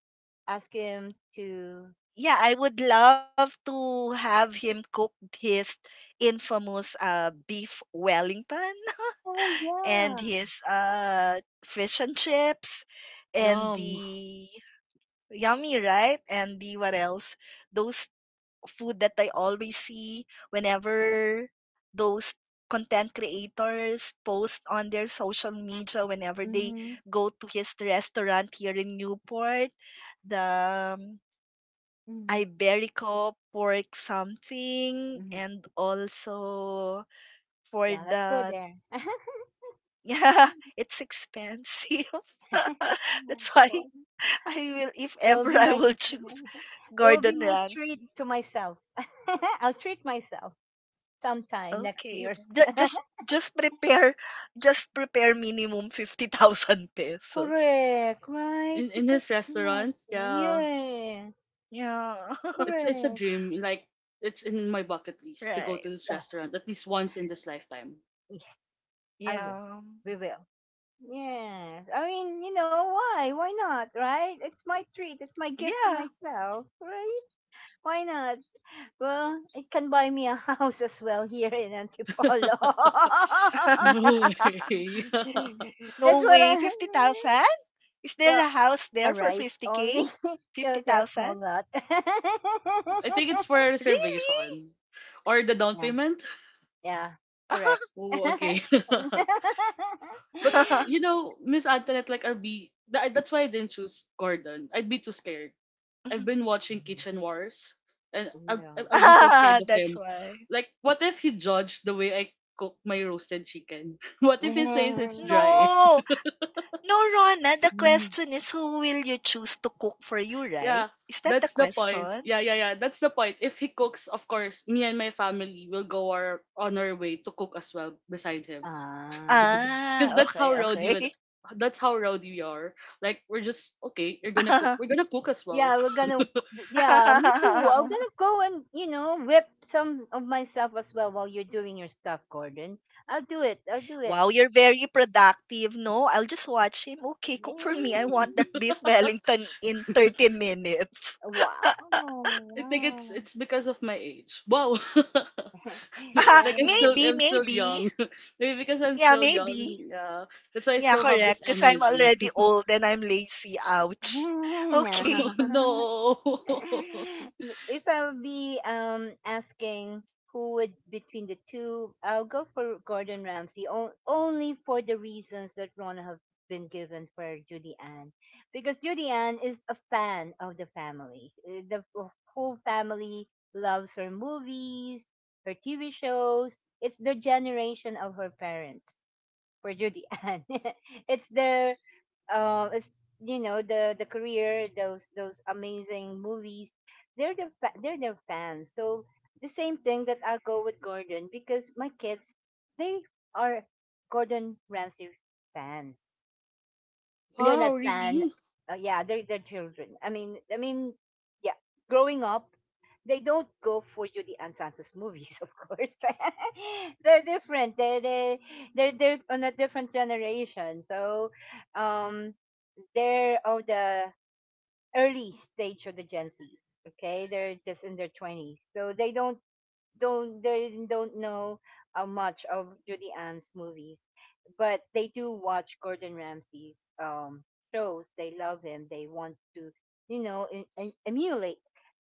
Speaker 1: Ask him to.
Speaker 2: Yeah, I would love to have him cook his infamous beef Wellington
Speaker 1: Oh
Speaker 2: and
Speaker 1: yeah.
Speaker 2: his fish and chips, and
Speaker 3: yum.
Speaker 2: the yummy, right? And the what else? Those food that I always see whenever those content creators post on their social media whenever they
Speaker 1: Mm-hmm,
Speaker 2: go to his restaurant here in Newport. The
Speaker 1: mm-hmm,
Speaker 2: Iberico pork something,
Speaker 1: hmm.
Speaker 2: and also for
Speaker 1: Yeah, let's go
Speaker 2: the.
Speaker 1: there.
Speaker 2: Yeah, it's expensive. That's why,
Speaker 1: Well,
Speaker 2: I will, if
Speaker 1: it'll
Speaker 2: ever
Speaker 1: be
Speaker 2: I
Speaker 1: my
Speaker 2: will, choose
Speaker 1: it will be
Speaker 2: Gordon
Speaker 1: my treat
Speaker 2: Ramsay.
Speaker 1: to myself. I'll treat myself sometime next
Speaker 2: Okay.
Speaker 1: year.
Speaker 2: Ju- just prepare just prepare minimum 50,000 pesos.
Speaker 1: Correct, right?
Speaker 3: In this
Speaker 1: Because
Speaker 3: restaurant,
Speaker 1: imagine,
Speaker 3: yeah.
Speaker 1: yes,
Speaker 2: Yeah.
Speaker 3: It's a
Speaker 1: correct.
Speaker 3: dream. Like it's in my bucket list to
Speaker 2: right.
Speaker 3: go to this restaurant at least once in this lifetime.
Speaker 1: Yes, I will.
Speaker 2: Yeah.
Speaker 1: We will. Yes. I mean, you know, why? Why not, right? It's my treat. It's my gift to
Speaker 2: Yeah.
Speaker 1: myself, right? Why not? Well, it can buy me a house as well here in Antipolo.
Speaker 3: no way.
Speaker 2: No
Speaker 1: That's what
Speaker 2: way.
Speaker 1: I.
Speaker 2: 50,000? Is there
Speaker 1: Well,
Speaker 2: a house there
Speaker 1: alright.
Speaker 2: for
Speaker 1: Right
Speaker 2: 50K?
Speaker 1: only. Because a small
Speaker 2: 50,000?
Speaker 1: lot.
Speaker 3: I think it's for
Speaker 2: Really?
Speaker 3: reservation or the down
Speaker 1: Yeah,
Speaker 3: payment.
Speaker 1: yeah, correct.
Speaker 3: Oh, okay. but you know, Miss Antoinette, like I'll be. That's why I didn't choose Gordon. I'd be too scared. I've been watching Kitchen Wars, and I'll be so scared
Speaker 2: Ah,
Speaker 3: of
Speaker 2: that's
Speaker 3: him.
Speaker 2: why.
Speaker 3: Like, what if he judged the way I cook my roasted chicken? What if he says it's
Speaker 1: Yeah.
Speaker 3: dry?
Speaker 2: No. No, Rona, the question is who will you choose to cook for you,
Speaker 3: Yeah,
Speaker 2: right? Is that the
Speaker 3: that's the point.
Speaker 2: question?
Speaker 3: Yeah, yeah, yeah. That's the point. If he cooks, of course, me and my family will go our on our way to cook as well beside him.
Speaker 1: Ah,
Speaker 3: Because
Speaker 2: Ah, okay, okay.
Speaker 3: that's how rowdy we are. Like we're just okay, you're gonna cook, we're gonna cook as well.
Speaker 1: yeah, we're gonna, yeah, me too. I'm gonna go and, you know, whip some of my stuff as well while you're doing your stuff, Gordon. I'll do it. I'll do it.
Speaker 2: Wow, you're very productive, no? I'll just watch him. Okay, cook for
Speaker 1: Eh,
Speaker 2: me. I want that beef Wellington in 30 minutes.
Speaker 1: wow.
Speaker 3: I think it's
Speaker 1: Wow.
Speaker 3: it's because of my age. Wow.
Speaker 2: Ah,
Speaker 1: Yeah.
Speaker 3: like I'm still
Speaker 2: maybe,
Speaker 3: I'm still
Speaker 2: maybe.
Speaker 3: young. Maybe because I'm
Speaker 2: Yeah,
Speaker 3: still young.
Speaker 2: maybe.
Speaker 3: Yeah. That's why I
Speaker 2: Yeah,
Speaker 3: still have this
Speaker 2: correct. Because 'cause I'm
Speaker 3: energy.
Speaker 2: already old and I'm lazy. Ouch. Okay.
Speaker 1: No.
Speaker 3: no.
Speaker 1: If I'll be asking who would between the two, I'll go for Gordon Ramsay on, only for the reasons that Ron have been given for Judy Ann, because Judy Ann is a fan of the family. The f- whole family loves her movies, her TV shows. It's the generation of her parents for Judy Ann. it's their uh, it's, you know the career those amazing movies they're the fa- they're their fans so the same thing that I'll go with Gordon because my kids they are Gordon Ramsay fans. They're not
Speaker 3: wow,
Speaker 1: son.
Speaker 3: really?
Speaker 1: Yeah, they're their children. I mean, yeah. Growing up, they don't go for Judy Ann Santos movies, of course. They're different. They're on a different generation. So, um, they're of the early stage of the Gen Zs. Okay, they're just in their twenties, so they don't know much of Judy Ann's movies, but they do watch Gordon Ramsay's shows. They love him. They want to, you know, emulate.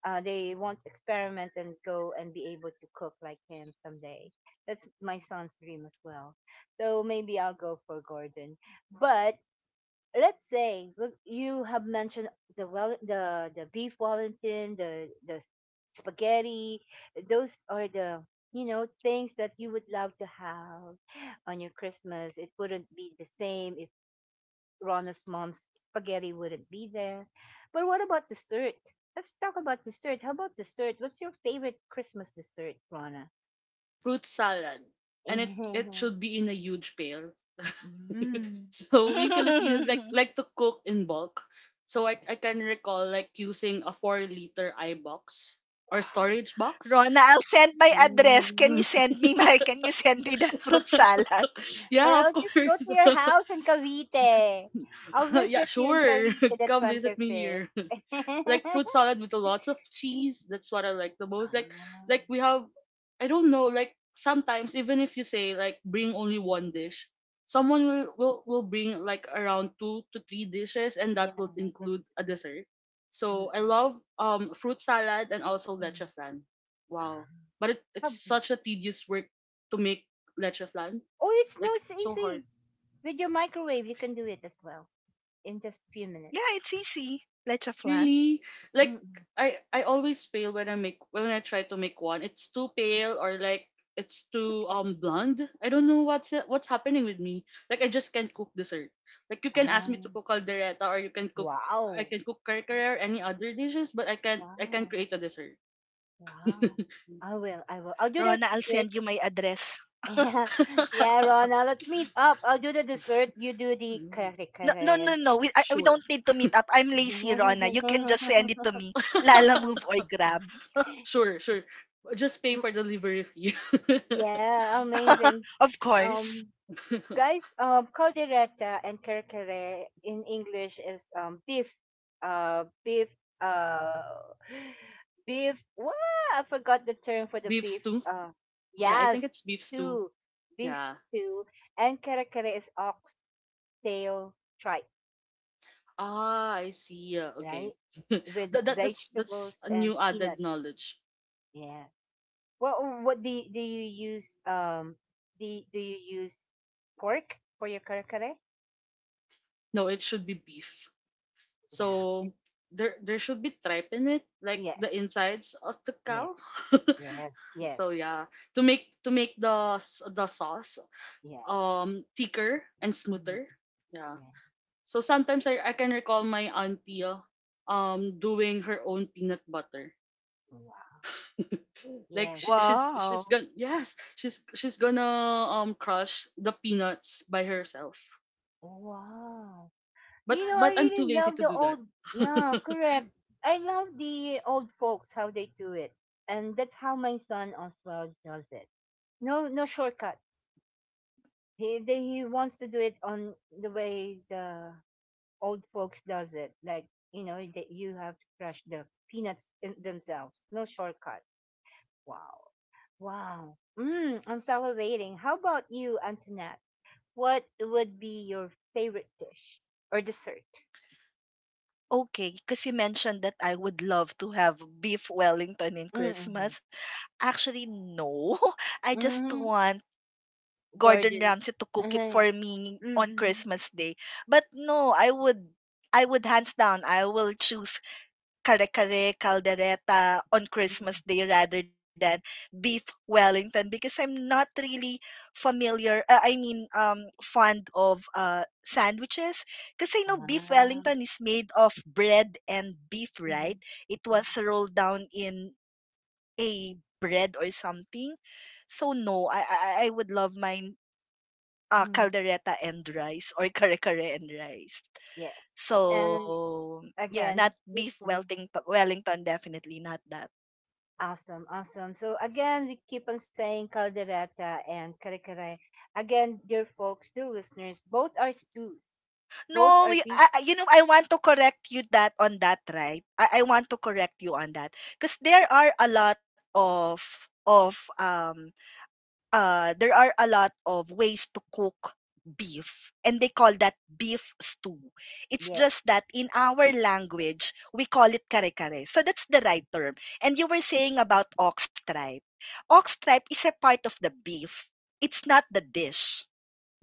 Speaker 1: They want to experiment and go and be able to cook like him someday. That's my son's dream as well. So maybe I'll go for Gordon, but let's say look, you have mentioned the beef wellington, the spaghetti. Those are the, you know, things that you would love to have on your Christmas. It wouldn't be the same if Rona's mom's spaghetti wouldn't be there. But what about dessert? Let's talk about dessert. How about dessert? What's your favorite Christmas dessert, Rona?
Speaker 3: Fruit salad, and it should be in a huge pail.
Speaker 1: mm,
Speaker 3: so we Filipinos like like to cook in bulk. So I can recall like using a 4 liter iBox or
Speaker 1: wow.
Speaker 3: storage box.
Speaker 2: Rona, I'll send my address.
Speaker 3: Mm.
Speaker 2: Can you send me that fruit salad?
Speaker 1: Or
Speaker 3: yeah, of
Speaker 1: I'll just go
Speaker 3: course.
Speaker 1: to your house in Cavite. I'll
Speaker 3: Yeah,
Speaker 1: visit you in
Speaker 3: sure.
Speaker 1: Cavite the
Speaker 3: Come visit me
Speaker 1: 25th.
Speaker 3: here. like fruit salad with a lots of cheese. That's what I like the most.
Speaker 1: Ah,
Speaker 3: Like we have, I don't know, like sometimes even if you say like bring only one dish, someone will bring like around two to three dishes and
Speaker 1: yeah,
Speaker 3: that will
Speaker 1: that's.
Speaker 3: include a dessert.
Speaker 1: Mm,
Speaker 3: So I love fruit salad and also
Speaker 1: mm.
Speaker 3: leche flan. Wow.
Speaker 1: Ah.
Speaker 3: But it's
Speaker 1: How-
Speaker 3: such a tedious work to make leche flan.
Speaker 1: Oh, it's no,
Speaker 3: Like
Speaker 1: it's
Speaker 3: it's so hard.
Speaker 1: easy. With your microwave, you can do it as well in just a few minutes.
Speaker 2: Yeah, it's easy. Leche flan.
Speaker 3: Really? Like
Speaker 1: Mm-mm.
Speaker 3: I always fail when I try to make one. It's too pale, or like it's too
Speaker 1: Okay.
Speaker 3: blonde. I don't know what's happening with me. Like I just can't cook dessert. Like you can ask
Speaker 1: Ah,
Speaker 3: me to cook caldereta, or you can cook, I
Speaker 1: wow.
Speaker 3: can cook kare or any other dishes, but I can't
Speaker 1: Wow.
Speaker 3: create a dessert.
Speaker 1: Wow. I will. I will. I'll do
Speaker 2: Rona,
Speaker 1: the
Speaker 2: I'll send
Speaker 1: dessert.
Speaker 2: you my address.
Speaker 1: Yeah, yeah, Rona. Let's meet up. I'll do the dessert. You do the kare
Speaker 2: No, no,
Speaker 1: kare.
Speaker 2: no, no. We
Speaker 3: sure.
Speaker 2: don't need to meet up. I'm lazy, Rona. You can just send it to me. Lala Move or Grab.
Speaker 3: sure, sure. Just pay for delivery fee.
Speaker 1: Yeah, amazing.
Speaker 2: Of course.
Speaker 1: Um, guys, caldereta and kerkere in English is beef, uh, beef, uh, beef. What? I forgot the term for the
Speaker 3: beef
Speaker 1: beef.
Speaker 3: stew. Yeah, I think
Speaker 1: Yes,
Speaker 3: it's beef stew.
Speaker 1: stew, beef
Speaker 3: Yeah.
Speaker 1: stew, and kerkere is oxtail tripe,
Speaker 3: Ah, I see. Yeah, okay.
Speaker 1: right?
Speaker 3: that,
Speaker 1: With
Speaker 3: that's that's
Speaker 1: vegetables
Speaker 3: a
Speaker 1: and
Speaker 3: new added
Speaker 1: peanuts.
Speaker 3: knowledge.
Speaker 1: Yeah. What what do you, do you use pork for your kare kare?
Speaker 3: No, it should be beef.
Speaker 1: Yeah. Y-
Speaker 3: So there should be tripe in it, like the
Speaker 1: Yes.
Speaker 3: insides of the cow.
Speaker 1: Yes. Yes.
Speaker 3: so
Speaker 1: Yes.
Speaker 3: yeah, to make the the sauce
Speaker 1: Yes.
Speaker 3: thicker and
Speaker 1: Mm,
Speaker 3: smoother. Yeah.
Speaker 1: yes.
Speaker 3: So sometimes I can recall my auntie doing her own peanut butter.
Speaker 1: Wow.
Speaker 3: Like
Speaker 1: Yes.
Speaker 3: she, she's
Speaker 2: Wow.
Speaker 3: she's gonna, yes, she's gonna crush the peanuts by herself.
Speaker 1: Wow.
Speaker 3: But
Speaker 1: You know, I
Speaker 3: I'm too
Speaker 1: really
Speaker 3: lazy
Speaker 1: love
Speaker 3: to
Speaker 1: the
Speaker 3: do that.
Speaker 1: old. Yeah, correct. I love the old folks how they do it, and that's how my son Oswald does it. No, no shortcut. He wants to do it on the way the old folks does it. Like, you know, that you have to crush the peanuts in themselves. No shortcut. Wow. Wow. Mm, I'm salivating. How about you, Antoinette? What would be your favorite dish or dessert?
Speaker 2: Okay, because you mentioned that I would love to have beef Wellington in
Speaker 1: Mm-hmm.
Speaker 2: Christmas. Actually, no. I just
Speaker 1: Mm-hmm.
Speaker 2: want Gordon
Speaker 1: Gordon's.
Speaker 2: Ramsay to cook it
Speaker 1: Mm-hmm.
Speaker 2: for me on Christmas Day. But no, I would hands down I will choose kare-kare, caldereta on Christmas
Speaker 1: Mm-hmm.
Speaker 2: Day rather than beef Wellington, because I'm not really familiar, I mean, fond of sandwiches. Because I know beef
Speaker 1: Ah,
Speaker 2: Wellington is made of bread and beef, right?
Speaker 1: mhm,
Speaker 2: It
Speaker 1: mhm,
Speaker 2: was rolled down in a bread or something. So no, I would love mine. Ah,
Speaker 1: mhm.
Speaker 2: caldereta and rice or kare-kare and rice.
Speaker 1: Yes. And
Speaker 2: So, yeah,
Speaker 1: again,
Speaker 2: not
Speaker 1: we,
Speaker 2: beef
Speaker 1: mhm.
Speaker 2: Wellington. Wellington, definitely not that.
Speaker 1: Awesome, awesome. So again, we keep on saying caldereta and karikare. Again, dear folks, dear listeners, both are stews. Both are
Speaker 2: No, you,
Speaker 1: beef.
Speaker 2: you know, I want to correct you that on that, right? I want to correct you on that because there are a lot of um there are a lot of ways to cook beef, and they call that beef stew. It's
Speaker 1: Yes.
Speaker 2: just that in our language, we call it kare kare. So that's the right term. And you were saying about ox tripe. Ox tripe is a part of the beef. It's not the dish.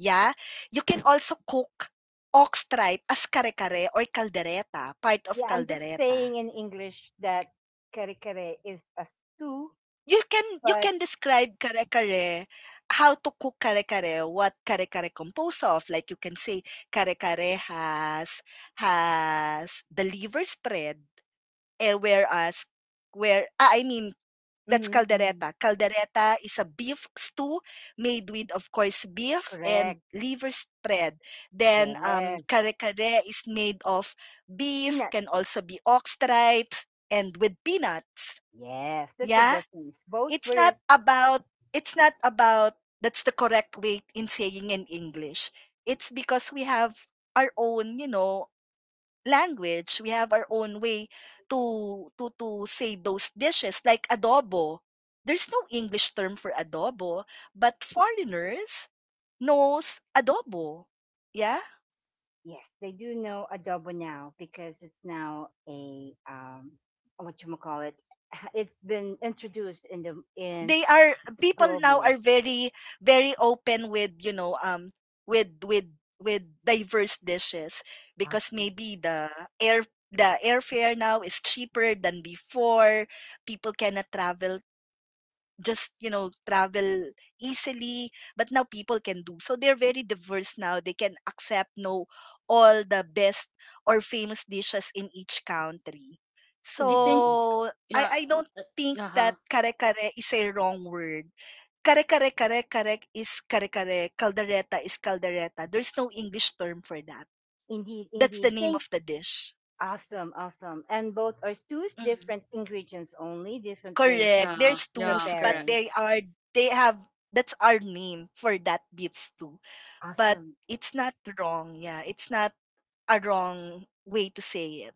Speaker 2: Yeah? You can also cook ox tripe as kare kare or caldereta, part of
Speaker 1: Yeah, I'm just
Speaker 2: caldereta.
Speaker 1: saying in English that karikare is a stew,
Speaker 2: You can you
Speaker 1: but
Speaker 2: can describe kare-kare, how to cook kare-kare, what kare-kare composed of. Like you can say kare-kare has the liver spread, eh, whereas I mean that's
Speaker 1: mm
Speaker 2: caldereta.
Speaker 1: mm,
Speaker 2: Caldereta is a beef stew made with, of course, beef and
Speaker 1: correct.
Speaker 2: liver spread. Then
Speaker 1: Yes.
Speaker 2: kare-kare is made of beef, can
Speaker 1: Peanuts.
Speaker 2: also be ox stripes and with peanuts.
Speaker 1: Yes, that's the
Speaker 2: Yeah?
Speaker 1: difference. Both
Speaker 2: it's
Speaker 1: were
Speaker 2: not about it's not about That's the correct way in saying in English. It's because we have our own, you know, language. We have our own way to say those dishes like adobo. There's no English term for adobo, but foreigners knows adobo. Yeah?
Speaker 1: yes, they do know adobo now because it's now a what you call it it's been introduced in the in
Speaker 2: They are, people now
Speaker 1: globally.
Speaker 2: are very, very open with, you know, with with with diverse dishes, because
Speaker 1: Awesome.
Speaker 2: maybe air the airfare now is cheaper than before. People cannot travel just, you know, travel easily, but now people can, do, so they're very diverse now, they can accept, know all the best or famous dishes in each country.
Speaker 3: I
Speaker 1: Indeed.
Speaker 3: think
Speaker 1: In-
Speaker 2: So i
Speaker 3: yeah.
Speaker 2: i don't think
Speaker 3: Uh huh.
Speaker 2: that kare kare is a wrong word. Kare kare is kare kare, caldereta is caldereta, there's no English term for that.
Speaker 1: Indeed.
Speaker 2: That's the
Speaker 1: Indeed.
Speaker 2: name
Speaker 1: Thank
Speaker 2: of the dish.
Speaker 1: Awesome. Awesome. And both are two
Speaker 2: Mm-hmm.
Speaker 1: different ingredients only, different ways
Speaker 2: Correct.
Speaker 1: of
Speaker 3: Yeah,
Speaker 2: There's
Speaker 3: yeah,
Speaker 2: twos, but
Speaker 1: preparing.
Speaker 3: correct.
Speaker 2: they are they have that's our name for that beats too. But
Speaker 1: Awesome.
Speaker 2: it's not wrong. Yeah, it's not a wrong way to say it.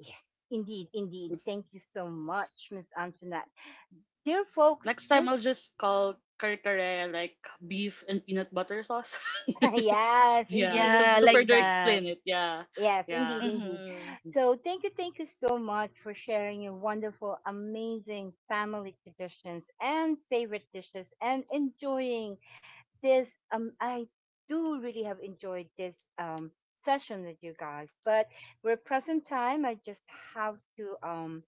Speaker 1: Yes. Indeed. Indeed. Thank you so much, Miss Antoinette. Dear folks,
Speaker 3: Next time I'll
Speaker 1: this,
Speaker 3: just call kare kare like beef and peanut butter sauce.
Speaker 1: yes,
Speaker 3: yeah,
Speaker 1: indeed.
Speaker 3: to
Speaker 2: Yeah,
Speaker 3: to
Speaker 1: Indeed.
Speaker 2: like
Speaker 3: further
Speaker 1: Indeed.
Speaker 2: that.
Speaker 3: explain it. Yeah.
Speaker 1: Yes,
Speaker 3: Yeah.
Speaker 1: indeed, indeed.
Speaker 2: Mm-hmm.
Speaker 1: So thank you so much for sharing your wonderful, amazing family traditions and favorite dishes and enjoying this I do really have enjoyed this session with you guys. But we're present time. I just have to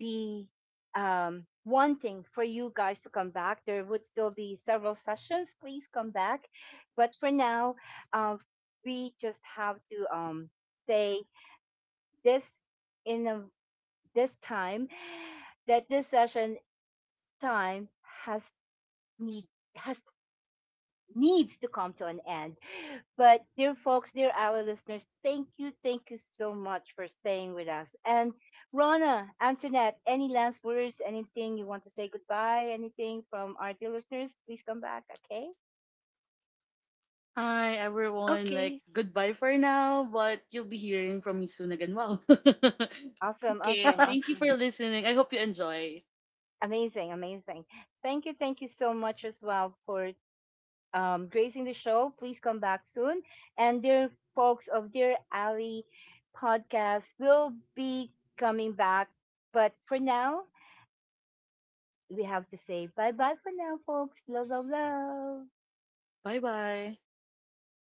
Speaker 1: be wanting for you guys to come back. There would still be several sessions. Please come back. But for now, um uh, we just have to say this in a, this time that this session time has need has needs to come to an end. But dear folks, dear our listeners, thank you so much for staying with us. And Rona, Antoinette, any last words, anything you want to say goodbye, anything from our dear listeners, please come back, okay?
Speaker 3: Hi everyone, like
Speaker 2: Okay.
Speaker 3: goodbye for now, but you'll be hearing from me soon again. Wow.
Speaker 1: Awesome,
Speaker 3: okay,
Speaker 1: awesome,
Speaker 3: thank you for
Speaker 1: awesome.
Speaker 3: listening. I hope you enjoy.
Speaker 1: Amazing, amazing. Thank you so much as well for gracing the show. Please come back soon. And dear folks of Dear Alley podcast will be coming back. But for now, we have to say bye bye for now, folks. Love, love, love.
Speaker 3: Bye bye.